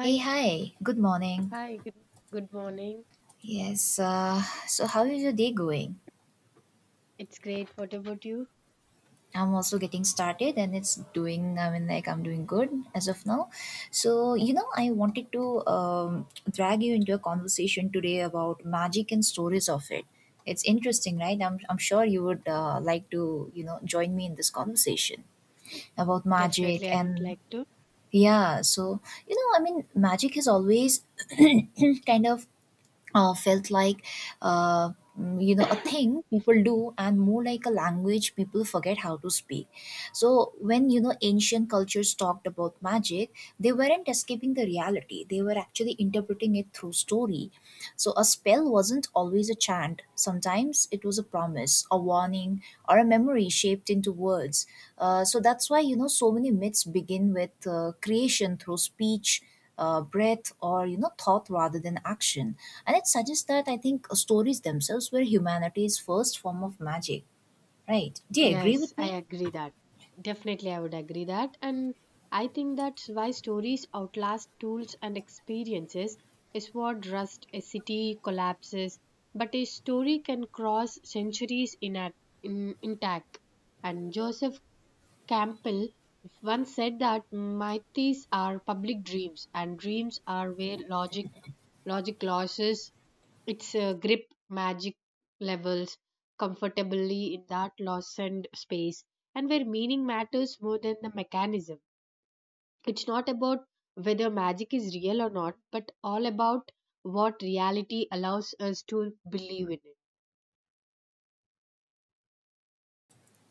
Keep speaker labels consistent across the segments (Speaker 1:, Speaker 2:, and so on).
Speaker 1: Hey, hi. Good morning.
Speaker 2: hi, good, good morning.
Speaker 1: Yes, so how is your day going?
Speaker 2: It's great. What about you?
Speaker 1: I'm also getting started and it's doing, like I'm doing good as of now. So, you know, I wanted to drag you into a conversation today about magic and stories of it. It's interesting, right? I'm sure you would like to, you know, join me in this conversation about
Speaker 2: Definitely,
Speaker 1: magic
Speaker 2: I would
Speaker 1: and
Speaker 2: like to.
Speaker 1: yeah. So, you know, I mean, magic has always kind of felt like uh, you know, a thing people do and more like a language people forget how to speak. So when, you know, ancient cultures talked about magic, they weren't escaping the reality. They were actually interpreting it through story. So a spell wasn't always a chant. Sometimes it was a promise, a warning, or a memory shaped into words. So that's why, you know, so many myths begin with creation through speech. Breath, or you know, thought rather than action. And it suggests that I think stories themselves were humanity's first form of magic, right? Do you agree
Speaker 2: Yes,
Speaker 1: with
Speaker 2: I
Speaker 1: me?
Speaker 2: agree that. Definitely, I would agree that. And I think that's why stories outlast tools and experiences, is what rust a city collapses. But a story can cross centuries in a, in, intact. And Joseph Campbell once said that mythes are public dreams, and dreams are where logic loses its grip, magic levels comfortably in that loosened space, and where meaning matters more than the mechanism. It's not about whether magic is real or not, but all about what reality allows us to believe in it.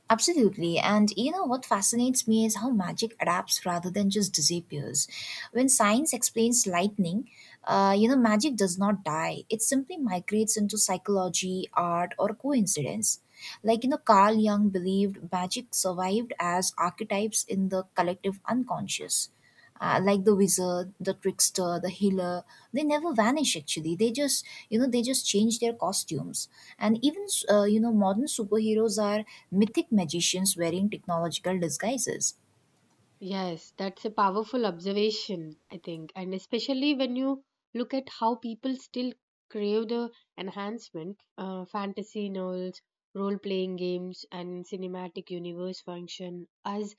Speaker 1: Absolutely. And you know what fascinates me is how magic adapts rather than just disappears. When science explains lightning, you know, magic does not die. It simply migrates into psychology, art, or coincidence. Like, you know, Carl Jung believed magic survived as archetypes in the collective unconscious, like the wizard, the trickster, the healer. They never vanish actually. They just, you know, they just change their costumes. And even you know, modern superheroes are mythic magicians wearing technological disguises.
Speaker 2: Yes, that's a powerful observation, I think. And especially when you look at how people still crave the enhancement, fantasy novels, role playing games, and cinematic universe function as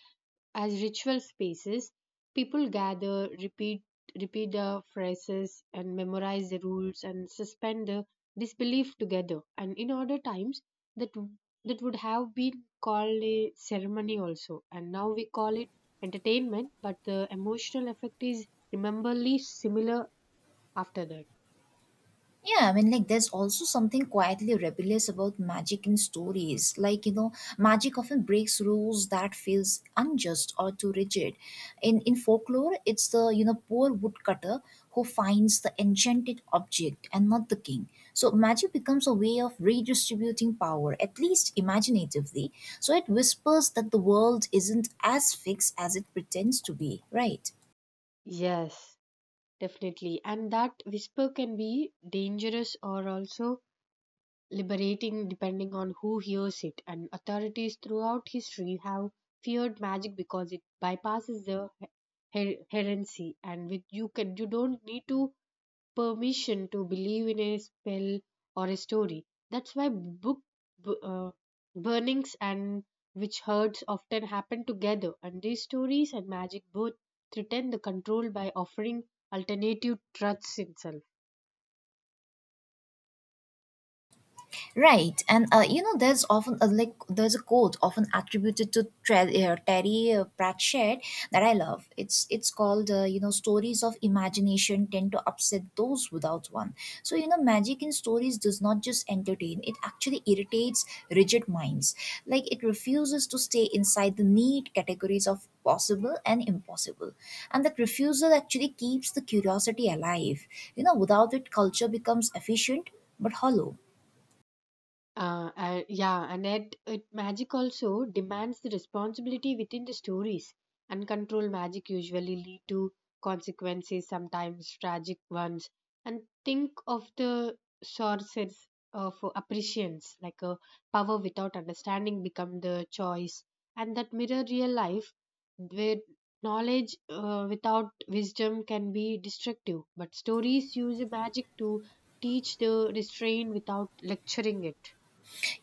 Speaker 2: ritual spaces, people gather, repeat the phrases, and memorize the rules and suspend the disbelief together. And in other times, that w- that would have been called a ceremony also, and now we call it entertainment. But the emotional effect is rememberably similar after that.
Speaker 1: Yeah, I mean, like, there's also something quietly rebellious about magic in stories. Like, you know, magic often breaks rules that feels unjust or too rigid. In folklore, it's the, you know, poor woodcutter who finds the enchanted object and not the king. So magic becomes a way of redistributing power, at least imaginatively. So it whispers that the world isn't as fixed as it pretends to be, right?
Speaker 2: Yes, definitely. And that whisper can be dangerous or also liberating depending on who hears it, and authorities throughout history have feared magic because it bypasses the heresy, and with you can you don't need to permission to believe in a spell or a story. That's why bu- uh, burnings and witch herds often happen together, and these stories and magic both threaten the control by offering alternative truths itself.
Speaker 1: Right, and you know, there's often a, like there's a quote often attributed to Terry Pratchett that I love. It's called you know, stories of imagination tend to upset those without one. So you know, magic in stories does not just entertain; it actually irritates rigid minds. Like it refuses to stay inside the neat categories of possible and impossible, and that refusal actually keeps the curiosity alive. You know, without it, culture becomes efficient but hollow.
Speaker 2: Yeah, and yet it, magic also demands the responsibility within the stories. Uncontrolled magic usually lead to consequences, sometimes tragic ones. And think of the sources of appreciance, like a power without understanding become the choice, and that mirror real life, where knowledge without wisdom can be destructive. But stories use magic to teach the restraint without lecturing it.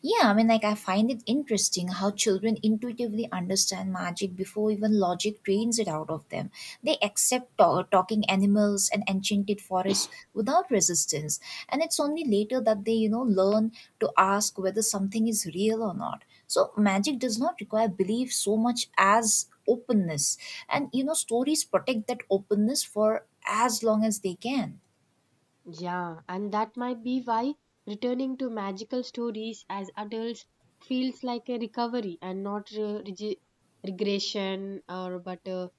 Speaker 1: Yeah, I mean, like, I find it interesting how children intuitively understand magic before even logic trains it out of them. They accept talking animals and enchanted forests without resistance. And it's only later that they, you know, learn to ask whether something is real or not. So, magic does not require belief so much as openness. And, you know, stories protect that openness for as long as they can.
Speaker 2: Yeah, and that might be why returning to magical stories as adults feels like a recovery and not regression or but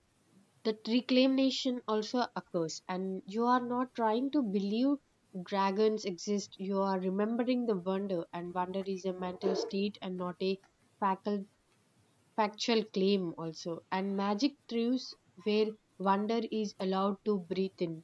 Speaker 2: that reclamation also occurs, and you are not trying to believe dragons exist. You are remembering the wonder, and wonder is a mental state and not a facal- factual claim also, and magic thrives where wonder is allowed to breathe in.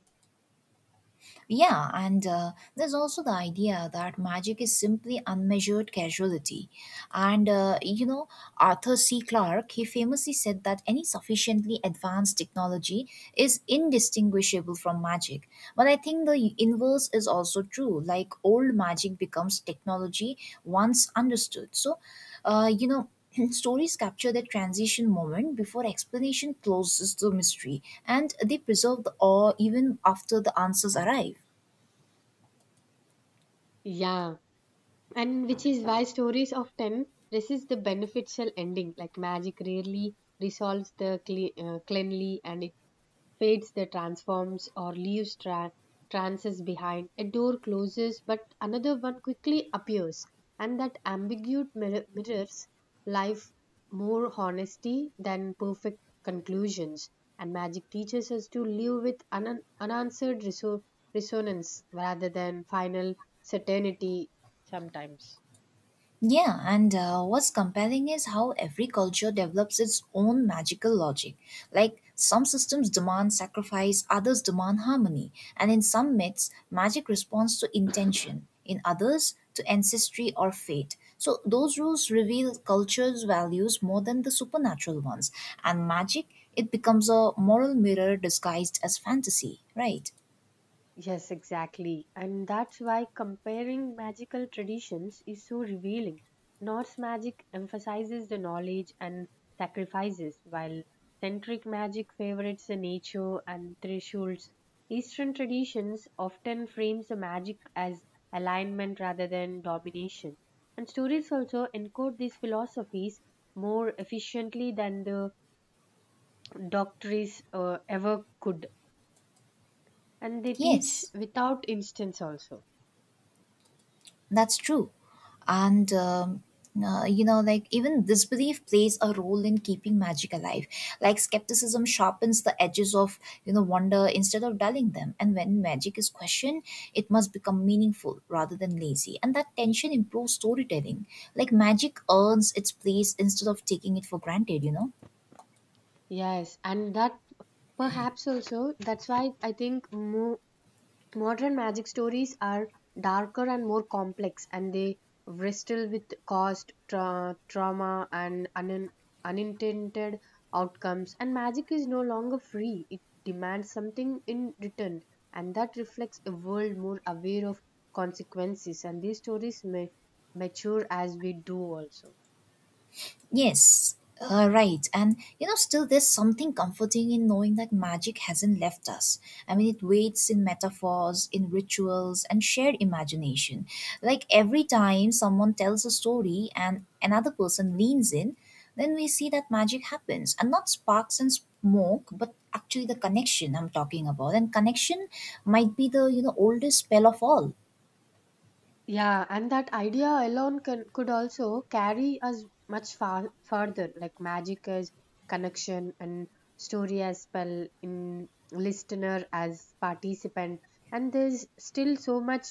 Speaker 1: Yeah, and there's also the idea that magic is simply unmeasured casualty. And you know, Arthur C. Clarke, he famously said that any sufficiently advanced technology is indistinguishable from magic. But I think the inverse is also true. Like old magic becomes technology once understood. So, you know, stories capture the transition moment before explanation closes the mystery, and they preserve the awe even after the answers arrive.
Speaker 2: Yeah, and which is why stories often resist the beneficial ending. Like magic rarely resolves the cleanly, and it fades, the transforms, or leaves trances behind. A door closes but another one quickly appears, and that ambiguous mirrors life more honesty than perfect conclusions, and magic teaches us to live with unanswered resonance rather than final certainty sometimes.
Speaker 1: Yeah, and what's compelling is how every culture develops its own magical logic. Like, some systems demand sacrifice, others demand harmony, and in some myths, magic responds to intention, in others, to ancestry or fate. So, those rules reveal culture's values more than the supernatural ones, and magic, it becomes a moral mirror disguised as fantasy, right?
Speaker 2: Yes, exactly. And that's why comparing magical traditions is so revealing. Norse magic emphasizes the knowledge and sacrifices, while centric magic favorites the nature and thresholds. Eastern traditions often frames the magic as alignment rather than domination. And stories also encode these philosophies more efficiently than the doctrines ever could. And they teach
Speaker 1: Yes.
Speaker 2: without instance also.
Speaker 1: That's true. And, you know, like, even disbelief plays a role in keeping magic alive. Like skepticism sharpens the edges of, you know, wonder instead of dulling them. And when magic is questioned, it must become meaningful rather than lazy. And that tension improves storytelling. Like magic earns its place instead of taking it for granted, you know?
Speaker 2: Yes, and that perhaps also, that's why I think modern magic stories are darker and more complex, and they wrestle with cost, trauma, and unintended outcomes. And magic is no longer free; it demands something in return, and that reflects a world more aware of consequences. And these stories may mature as we do also.
Speaker 1: Yes, right. And you know, still there's something comforting in knowing that magic hasn't left us. I mean, it waits in metaphors, in rituals, and shared imagination. Like every time someone tells a story and another person leans in, then we see that magic happens. And not sparks and smoke, but actually the connection I'm talking about. And connection might be the oldest spell of all.
Speaker 2: Yeah, and that idea alone can, could also carry us much far further, like magic as connection, and story as spell, in listener as participant. And there's still so much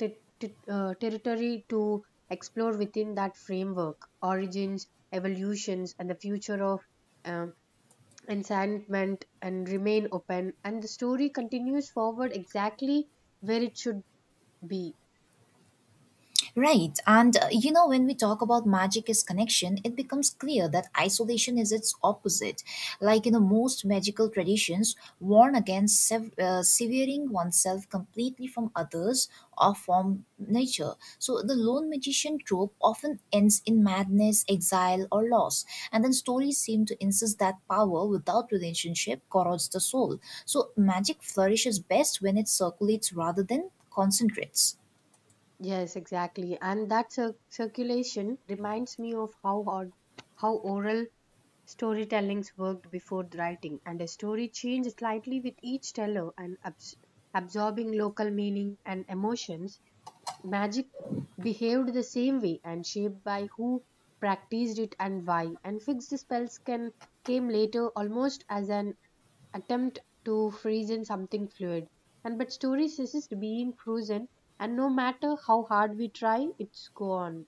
Speaker 2: territory to explore within that framework. Origins, evolutions, and the future of um, enchantment and remain open. And the story continues forward exactly where it should be.
Speaker 1: Right. And you know, when we talk about magic as connection, it becomes clear that isolation is its opposite. Like in the most magical traditions, warn against severing oneself completely from others or from nature. So the lone magician trope often ends in madness, exile, or loss. And then stories seem to insist that power without relationship corrodes the soul. So magic flourishes best when it circulates rather than concentrates.
Speaker 2: Yes, exactly. And that circulation reminds me of how oral storytellings worked before the writing, and a story changed slightly with each teller, and absorbing local meaning and emotions. Magic behaved the same way, and shaped by who practiced it and why, and fixed spells can came later almost as an attempt to freeze in something fluid. And but stories resist being frozen, and no matter how hard we try, it's gone.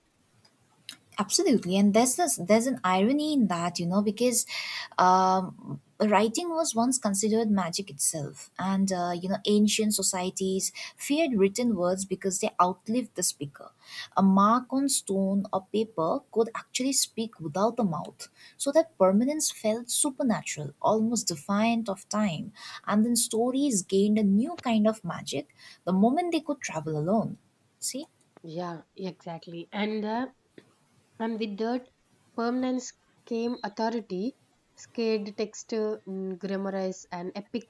Speaker 1: Absolutely, and there's an irony in that, you know, because writing was once considered magic itself, and you know, ancient societies feared written words because they outlived the speaker. A mark on stone or paper could actually speak without the mouth, so that permanence felt supernatural, almost defiant of time. And then stories gained a new kind of magic the moment they could travel alone. See.
Speaker 2: Yeah, exactly. And with that permanence came authority, scared text grammarize, and epic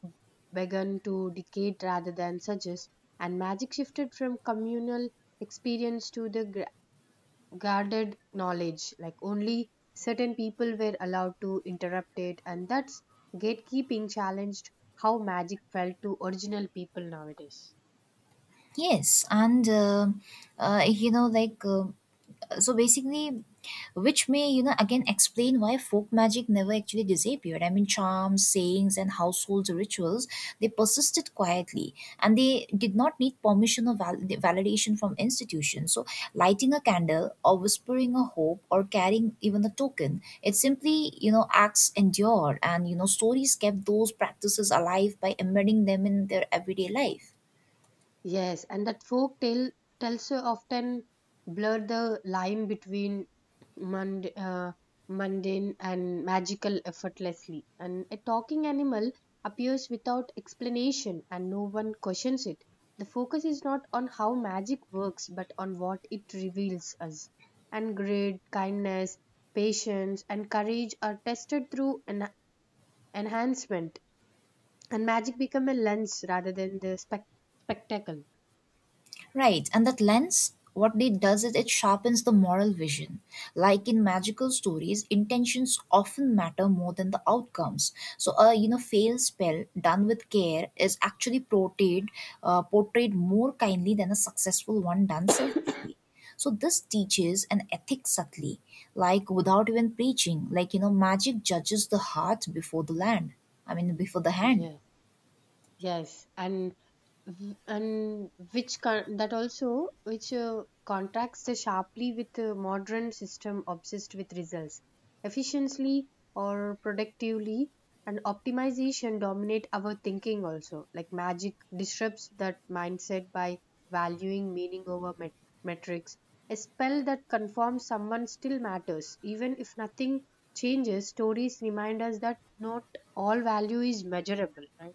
Speaker 2: began to decay rather than suggest, and magic shifted from communal experience to the guarded knowledge, like only certain people were allowed to interrupt it, and that's gatekeeping challenged how magic felt to original people nowadays.
Speaker 1: Yes, and you know, like, so basically, which may, you know, again explain why folk magic never actually disappeared. I mean, charms, sayings, and household rituals, they persisted quietly and they did not need permission or validation from institutions. So, lighting a candle or whispering a hope or carrying even a token, it simply, you know, acts endured. And, you know, stories kept those practices alive by embedding them in their everyday life.
Speaker 2: Yes, and that folk tale tells you often blur the line between mund- uh, mundane and magical effortlessly. And a talking animal appears without explanation and no one questions it. The focus is not on how magic works but on what it reveals us. And great kindness, patience, and courage are tested through enhancement, and magic become a lens rather than the spectacle.
Speaker 1: Right, and that lens, what it does is it sharpens the moral vision. Like in magical stories, intentions often matter more than the outcomes. So a, you know, failed spell done with care is actually portrayed more kindly than a successful one done selfishly. So this teaches an ethic subtly, like without even preaching. Like you know, magic judges the heart before the land. I mean, before the hand.
Speaker 2: Yeah, yes, and that also which contrasts sharply with the modern system obsessed with results, efficiently or productively, and optimization dominate our thinking also. Like magic disrupts that mindset by valuing meaning over metrics. A spell that conforms someone still matters, even if nothing changes. Stories remind us that not all value is measurable, right?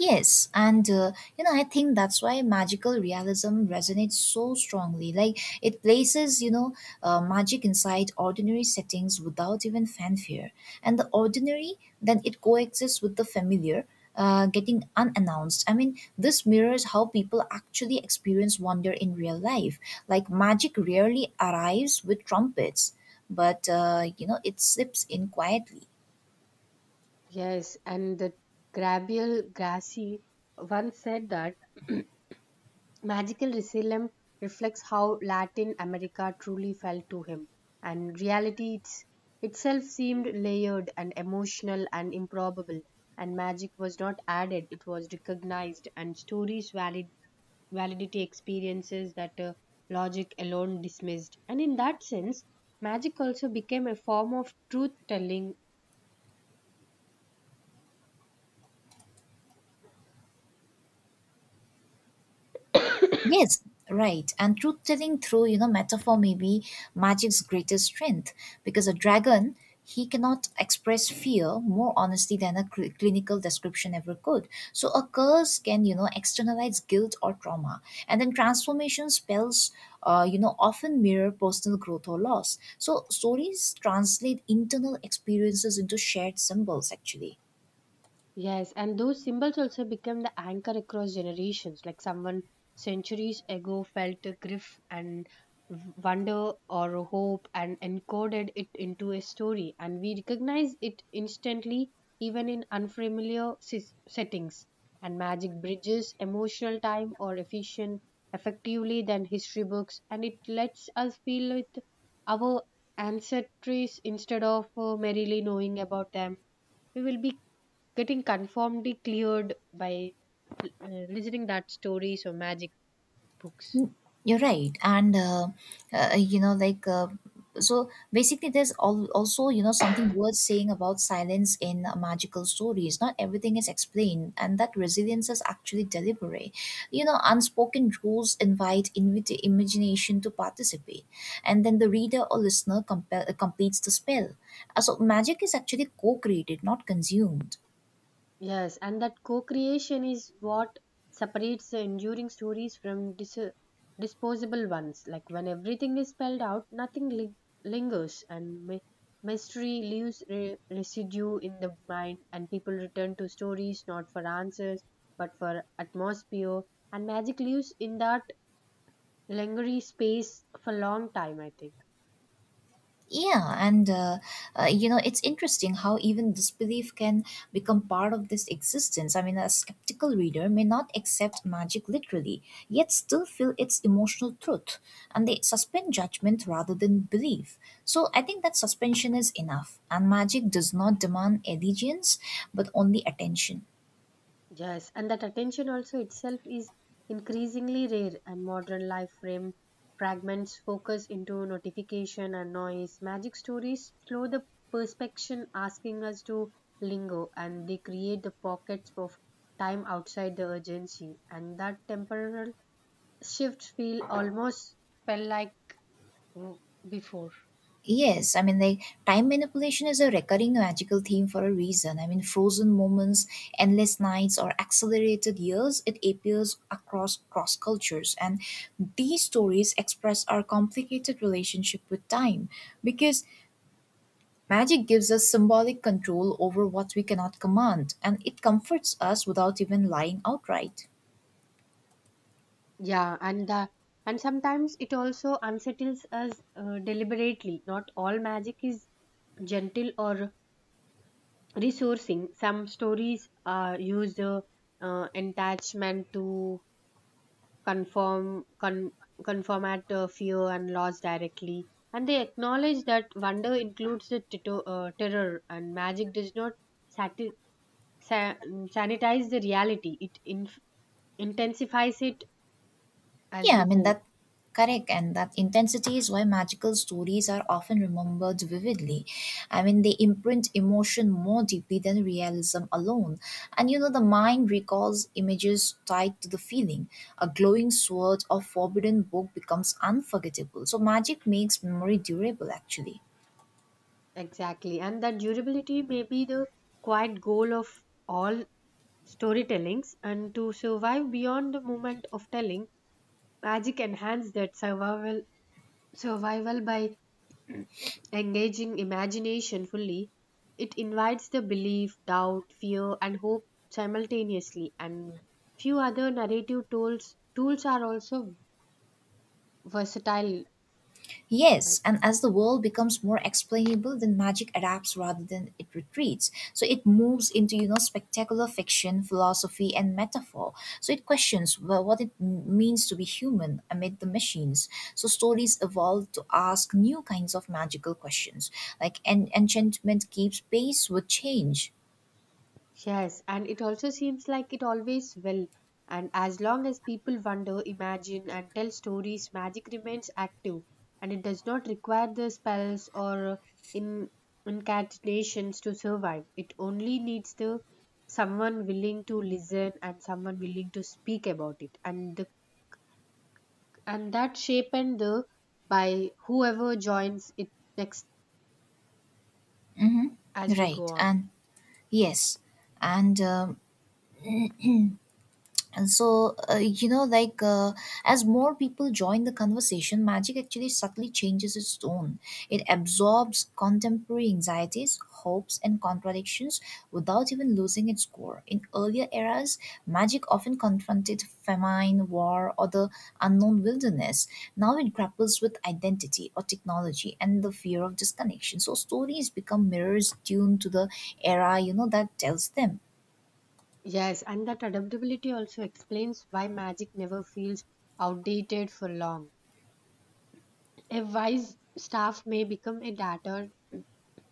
Speaker 1: Yes, and you know, I think that's why magical realism resonates so strongly. Like it places, you know, magic inside ordinary settings without even fanfare, and the ordinary then it coexists with the familiar, getting unannounced. I mean, this mirrors how people actually experience wonder in real life. Like magic rarely arrives with trumpets, but you know, it slips in quietly.
Speaker 2: Yes, and the Gabriel Grassi once said that magical realism reflects how Latin America truly felt to him, and reality itself seemed layered and emotional and improbable, and magic was not added, it was recognized, and validity experiences that logic alone dismissed. And in that sense, magic also became a form of truth telling.
Speaker 1: Yes, right. And truth telling through, you know, metaphor may be magic's greatest strength because a dragon, he cannot express fear more honestly than a clinical description ever could. So a curse can, you know, externalize guilt or trauma. And then transformation spells, you know, often mirror personal growth or loss. So stories translate internal experiences into shared symbols, actually.
Speaker 2: Yes, and those symbols also become the anchor across generations. Like someone centuries ago felt a grief and wonder or hope and encoded it into a story, and we recognize it instantly, even in unfamiliar settings. And magic bridges emotional time or efficient effectively than history books, and it lets us feel with our ancestries instead of merely knowing about them. We will be getting conformity cleared by listening that stories or magic books.
Speaker 1: Mm, you're right, and you know, like, so basically, there's also, you know, something worth saying about silence in magical stories. Not everything is explained, and that resilience is actually deliberate. You know, unspoken rules invite imagination to participate, and then the reader or listener completes the spell. So, magic is actually co-created, not consumed.
Speaker 2: Yes, and that co creation is what separates the enduring stories from disposable ones. Like when everything is spelled out, nothing lingers, and mystery leaves residue in the mind, and people return to stories not for answers but for atmosphere. And magic lives in that lingering space for a long time, I think.
Speaker 1: Yeah, and you know, it's interesting how even disbelief can become part of this existence. I mean, a skeptical reader may not accept magic literally, yet still feel its emotional truth, and they suspend judgment rather than belief. So I think that suspension is enough, and magic does not demand allegiance, but only attention.
Speaker 2: Yes, and that attention also itself is increasingly rare, and modern life frame fragments focus into notification and noise. Magic stories slow the perspection, asking us to linger, and they create the pockets of time outside the urgency. And that temporal shifts feel almost felt like mm, before.
Speaker 1: Yes, I mean, like, time manipulation is a recurring magical theme for a reason. I mean, frozen moments, endless nights, or accelerated years, it appears across cross cultures. And these stories express our complicated relationship with time because magic gives us symbolic control over what we cannot command, and it comforts us without even lying outright.
Speaker 2: Yeah, and sometimes it also unsettles us deliberately. Not all magic is gentle or resourcing. Some stories use the attachment to conform con- conform at fear and loss directly, and they acknowledge that wonder includes the terror, and magic does not sati- sanitize the reality, it intensifies it as
Speaker 1: Yeah, I
Speaker 2: we
Speaker 1: mean,
Speaker 2: go.
Speaker 1: that correct, and that intensity is why magical stories are often remembered vividly. I mean, they imprint emotion more deeply than realism alone. And you know, the mind recalls images tied to the feeling. A glowing sword or forbidden book becomes unforgettable. So magic makes memory durable actually.
Speaker 2: Exactly, and that durability may be the quiet goal of all storytellings, and to survive beyond the moment of telling. Magic enhances that survival by engaging imagination fully. It invites the belief, doubt, fear, and hope simultaneously, and few other narrative tools are also versatile. I.
Speaker 1: Yes, and as the world becomes more explainable, then magic adapts rather than it retreats. So it moves into, you know, spectacular fiction, philosophy, and metaphor. So it questions, well, what it means to be human amid the machines. So stories evolve to ask new kinds of magical questions, like enchantment keeps pace with change,
Speaker 2: Yes, and it also seems like it always will. And as long as people wonder, imagine, and tell stories, magic remains active. And it does not require the spells or in, incantations to survive. It only needs the someone willing to listen and someone willing to speak about it. And the and that shape and the by whoever joins it next as we go
Speaker 1: right?
Speaker 2: on.
Speaker 1: And yes, and and so, you know, like, as more people join the conversation, magic actually subtly changes its tone. It absorbs contemporary anxieties, hopes, and contradictions without even losing its core. In earlier eras, magic often confronted famine, war, or the unknown wilderness. Now it grapples with identity or technology and the fear of disconnection. So, stories become mirrors tuned to the era, that tells them.
Speaker 2: Yes, and that adaptability also explains why magic never feels outdated for long. A wise staff may become a data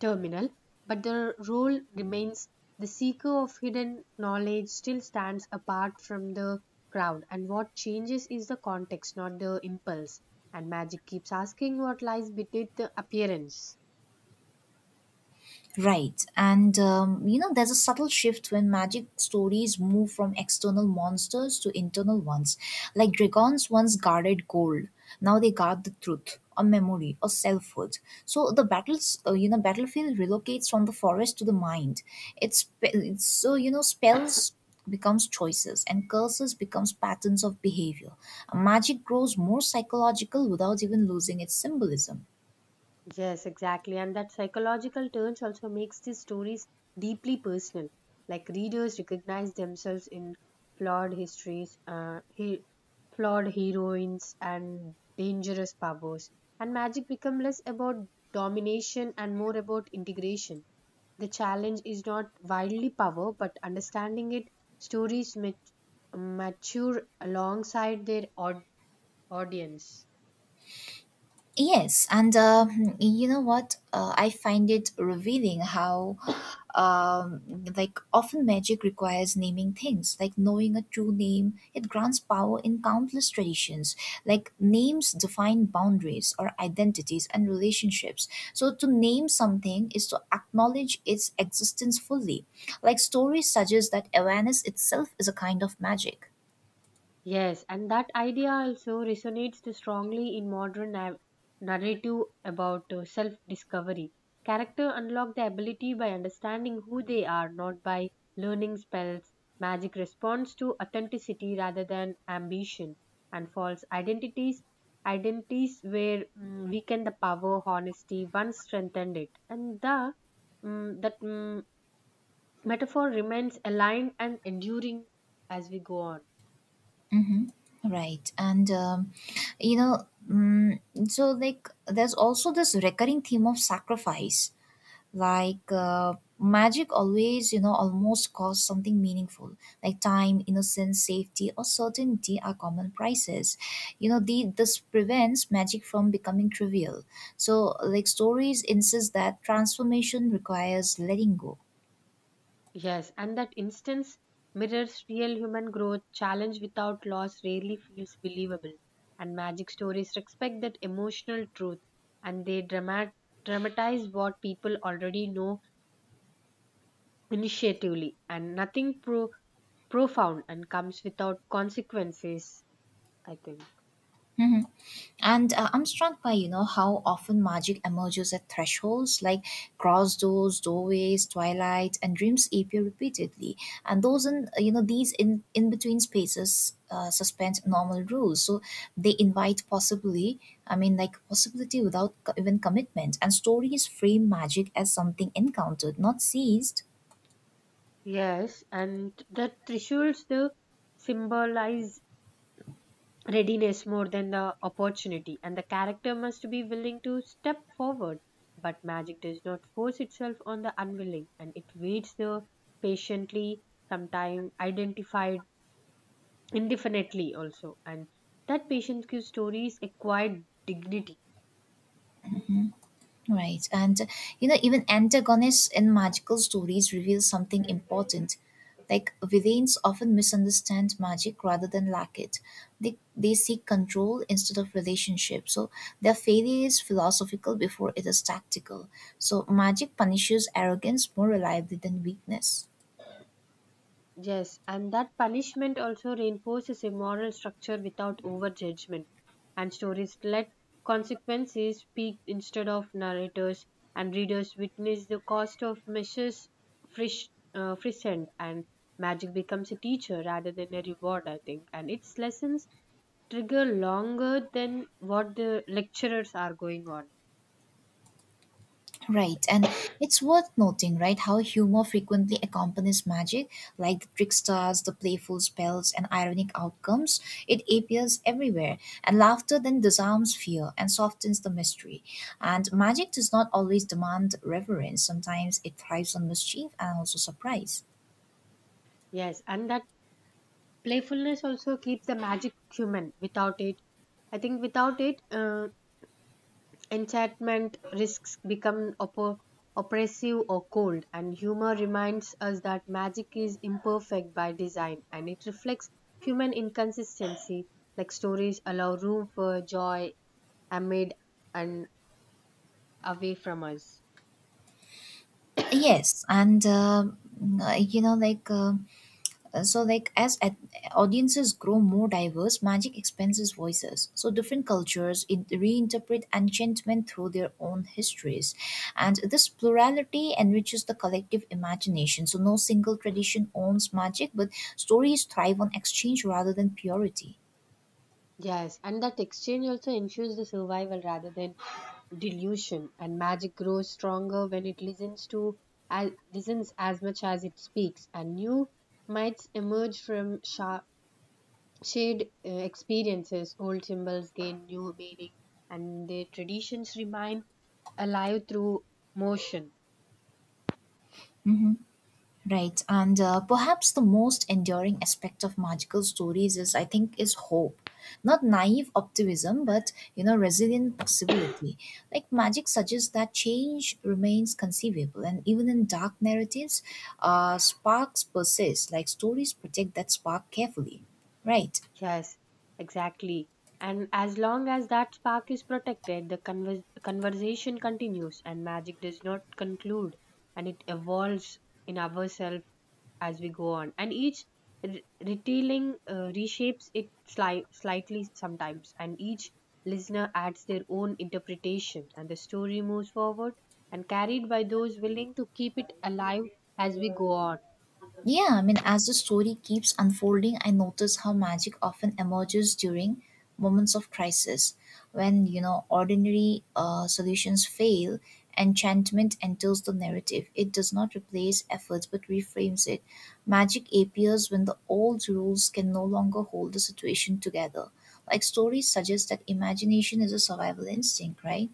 Speaker 2: terminal, but the role remains the seeker of hidden knowledge still stands apart from the crowd, and what changes is the context, not the impulse. And magic keeps asking what lies beneath the appearance.
Speaker 1: Right. And there's a subtle shift when magic stories move from external monsters to internal ones. Like Dragons once guarded gold, now they guard the truth, or memory, or selfhood. So the battles, battlefield relocates from the forest to the mind. It's, spe- it's so, you know, Spells becomes choices and curses becomes patterns of behavior. Magic grows more psychological without even losing its symbolism.
Speaker 2: Yes, exactly. And that psychological turns also makes these stories deeply personal. Like readers recognize themselves in flawed histories, flawed heroines, and dangerous powers. And magic becomes less about domination and more about integration. The challenge is not wildly power, but understanding it. Stories mature alongside their audience.
Speaker 1: Yes, and you know what? I find it revealing how, um, like, often magic requires naming things. Like, knowing a true name, it grants power in countless traditions. Like, names define boundaries or identities and relationships. So, to name something is to acknowledge its existence fully. Like, stories suggest that awareness itself is a kind of magic.
Speaker 2: Yes, and that idea also resonates too strongly in modern narrative about self discovery. Character unlock the ability by understanding who they are, not by learning spells. Magic responds to authenticity rather than ambition, and false identities identities where weaken the power honesty once strengthened it, and the mm, that mm, metaphor remains aligned and enduring as we go on.
Speaker 1: Mm-hmm. Right. And, you know, mm, So like there's also this recurring theme of sacrifice. Like magic always, almost costs something meaningful. Like time, innocence, safety, or certainty are common prices. This prevents magic from becoming trivial. So, like, stories insist that transformation requires letting go.
Speaker 2: Yes, and that instance mirrors real human growth. Challenge without loss rarely feels believable. And magic stories respect that emotional truth, and they dramatize what people already know initiatively. And nothing profound and comes without consequences, I think.
Speaker 1: And I'm struck by, how often magic emerges at thresholds like cross doors, doorways, twilight, and dreams appear repeatedly. And those in, you know, these in between spaces suspend normal rules. So they invite possibly, I mean, like possibility without even commitment. And stories frame magic as something encountered, not seized.
Speaker 2: Yes, and that Trishuls do symbolize readiness more than the opportunity, and the character must be willing to step forward. But magic does not force itself on the unwilling, and it waits the patiently, sometimes identified indefinitely also. And that patience gives stories a quiet dignity.
Speaker 1: Right. And, even antagonists in magical stories reveal something important. Like, villains often misunderstand magic rather than lack it. They seek control instead of relationship. So, their failure is philosophical before it is tactical. So, magic punishes arrogance more reliably than weakness.
Speaker 2: Yes, and that punishment also reinforces a moral structure without overjudgment. And stories let consequences speak instead of narrators, and readers witness the cost of measures frish, frischened, and magic becomes a teacher rather than a reward, I think. And its lessons trigger longer than what the lecturers are going on.
Speaker 1: Right, and it's worth noting, right, how humor frequently accompanies magic, like the tricksters, the playful spells, and ironic outcomes. It appears everywhere, and laughter then disarms fear and softens the mystery. And magic does not always demand reverence, sometimes it thrives on mischief and also surprise.
Speaker 2: Yes, and that playfulness also keeps the magic human. Without it, I think without it, enchantment risks become oppressive or cold, and humor reminds us that magic is imperfect by design, and it reflects human inconsistency. Like stories allow room for joy amid and away from us.
Speaker 1: Yes, and you know, like. So like as at, audiences grow more diverse, magic expands voices, so different reinterpret enchantment through their own histories, and this plurality enriches the collective imagination, so no single tradition owns magic, but stories thrive on exchange rather than purity.
Speaker 2: Yes, and that exchange also ensures the survival rather than delusion. And magic grows stronger when it listens to listens as much as it speaks, and new mites emerge from Shared experiences, old symbols gain new meaning, and their traditions remain alive through motion.
Speaker 1: Mhm. Right, and perhaps the most enduring aspect of magical stories is, I think, is hope. Not naive optimism, but you know, resilient possibility. Like magic suggests that change remains conceivable, and even in dark narratives, sparks persist. Like stories protect that spark carefully, right?
Speaker 2: Yes, exactly. And as long as that spark is protected, the conversation continues, and magic does not conclude, and it evolves in ourselves as we go on. And each retelling reshapes it slightly sometimes, and each listener adds their own interpretation, and the story moves forward and carried by those willing to keep it alive as we go on.
Speaker 1: Yeah, I mean, as the story keeps unfolding, I notice how magic often emerges during moments of crisis. When, you know, ordinary solutions fail, enchantment enters the narrative. It does not replace efforts but reframes it. Magic appears when the old rules can no longer hold the situation together. Like stories suggest that imagination is a survival instinct, right?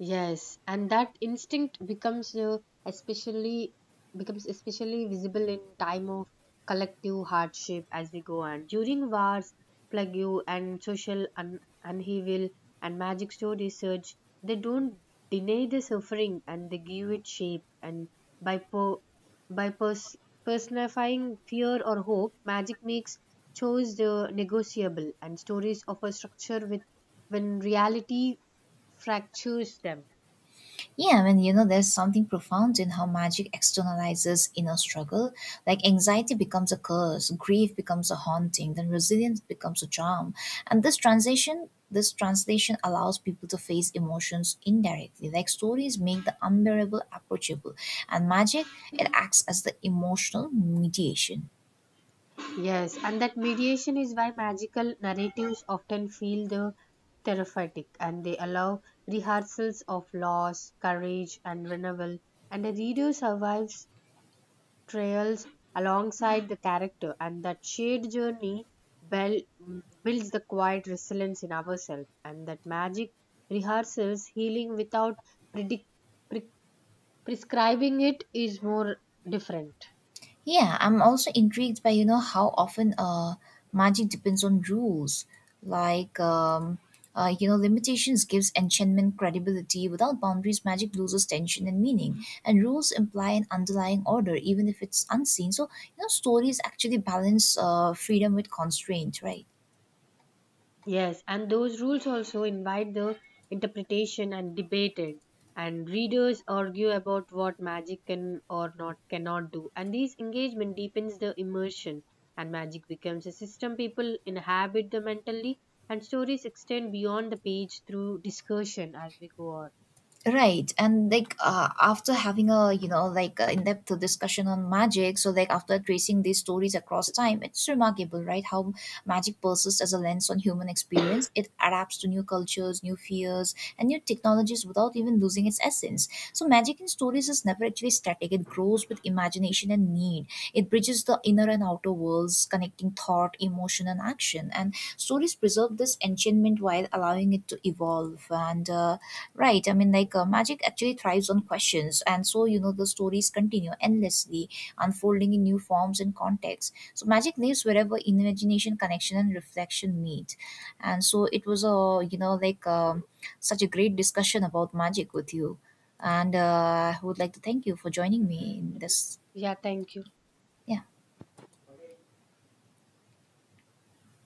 Speaker 2: Yes, and that instinct becomes especially becomes especially visible in time of collective hardship as we go on. During wars, plague and social upheaval, and magic store research, they don't deny the suffering, and they give it shape. And by po- by pers- personifying fear or hope, magic makes choice negotiable, and stories offer structure with when reality fractures them.
Speaker 1: Yeah, I mean, you know, there's something profound in how magic externalizes inner struggle. Like anxiety becomes a curse, grief becomes a haunting, then resilience becomes a charm. And this translation allows people to face emotions indirectly. Like stories make the unbearable approachable, and magic, it acts as the emotional mediation.
Speaker 2: Yes, and that mediation is why magical narratives often feel the therapeutic, and they allow rehearsals of loss, courage, and renewal. And the reader survives trials alongside the character, and that shared journey builds the quiet resilience in ourselves. And that magic rehearsals healing without predict- pre- prescribing it is more different.
Speaker 1: Yeah, I'm also intrigued by you know how often magic depends on rules, like you know, limitations gives enchantment credibility. Without boundaries, magic loses tension and meaning, and rules imply an underlying order, even if it's unseen. So you know stories actually balance freedom with constraint, right?
Speaker 2: Yes, and those rules also invite the interpretation and debated, and readers argue about what magic can or not cannot do. And this engagement deepens the immersion, and magic becomes a system people inhabit the mentally, and stories extend beyond the page through discussion as we go on.
Speaker 1: Right, and like after having a you know like in-depth discussion on magic, so like after tracing these stories across time, it's remarkable, right? How magic persists as a lens on human experience. It adapts to new cultures, new fears, and new technologies without even losing its essence. So magic in stories is never actually static. It grows with imagination and need. It bridges the inner and outer worlds, connecting thought, emotion, and action. And stories preserve this enchantment while allowing it to evolve. And Right. I mean, like magic actually thrives on questions, and so you know the stories continue endlessly, unfolding in new forms and contexts. So magic lives wherever imagination, connection, and reflection meet. And so it was a such a great discussion about magic with you, and I would like to thank you for joining me in this.
Speaker 2: Yeah, thank you.
Speaker 1: Yeah.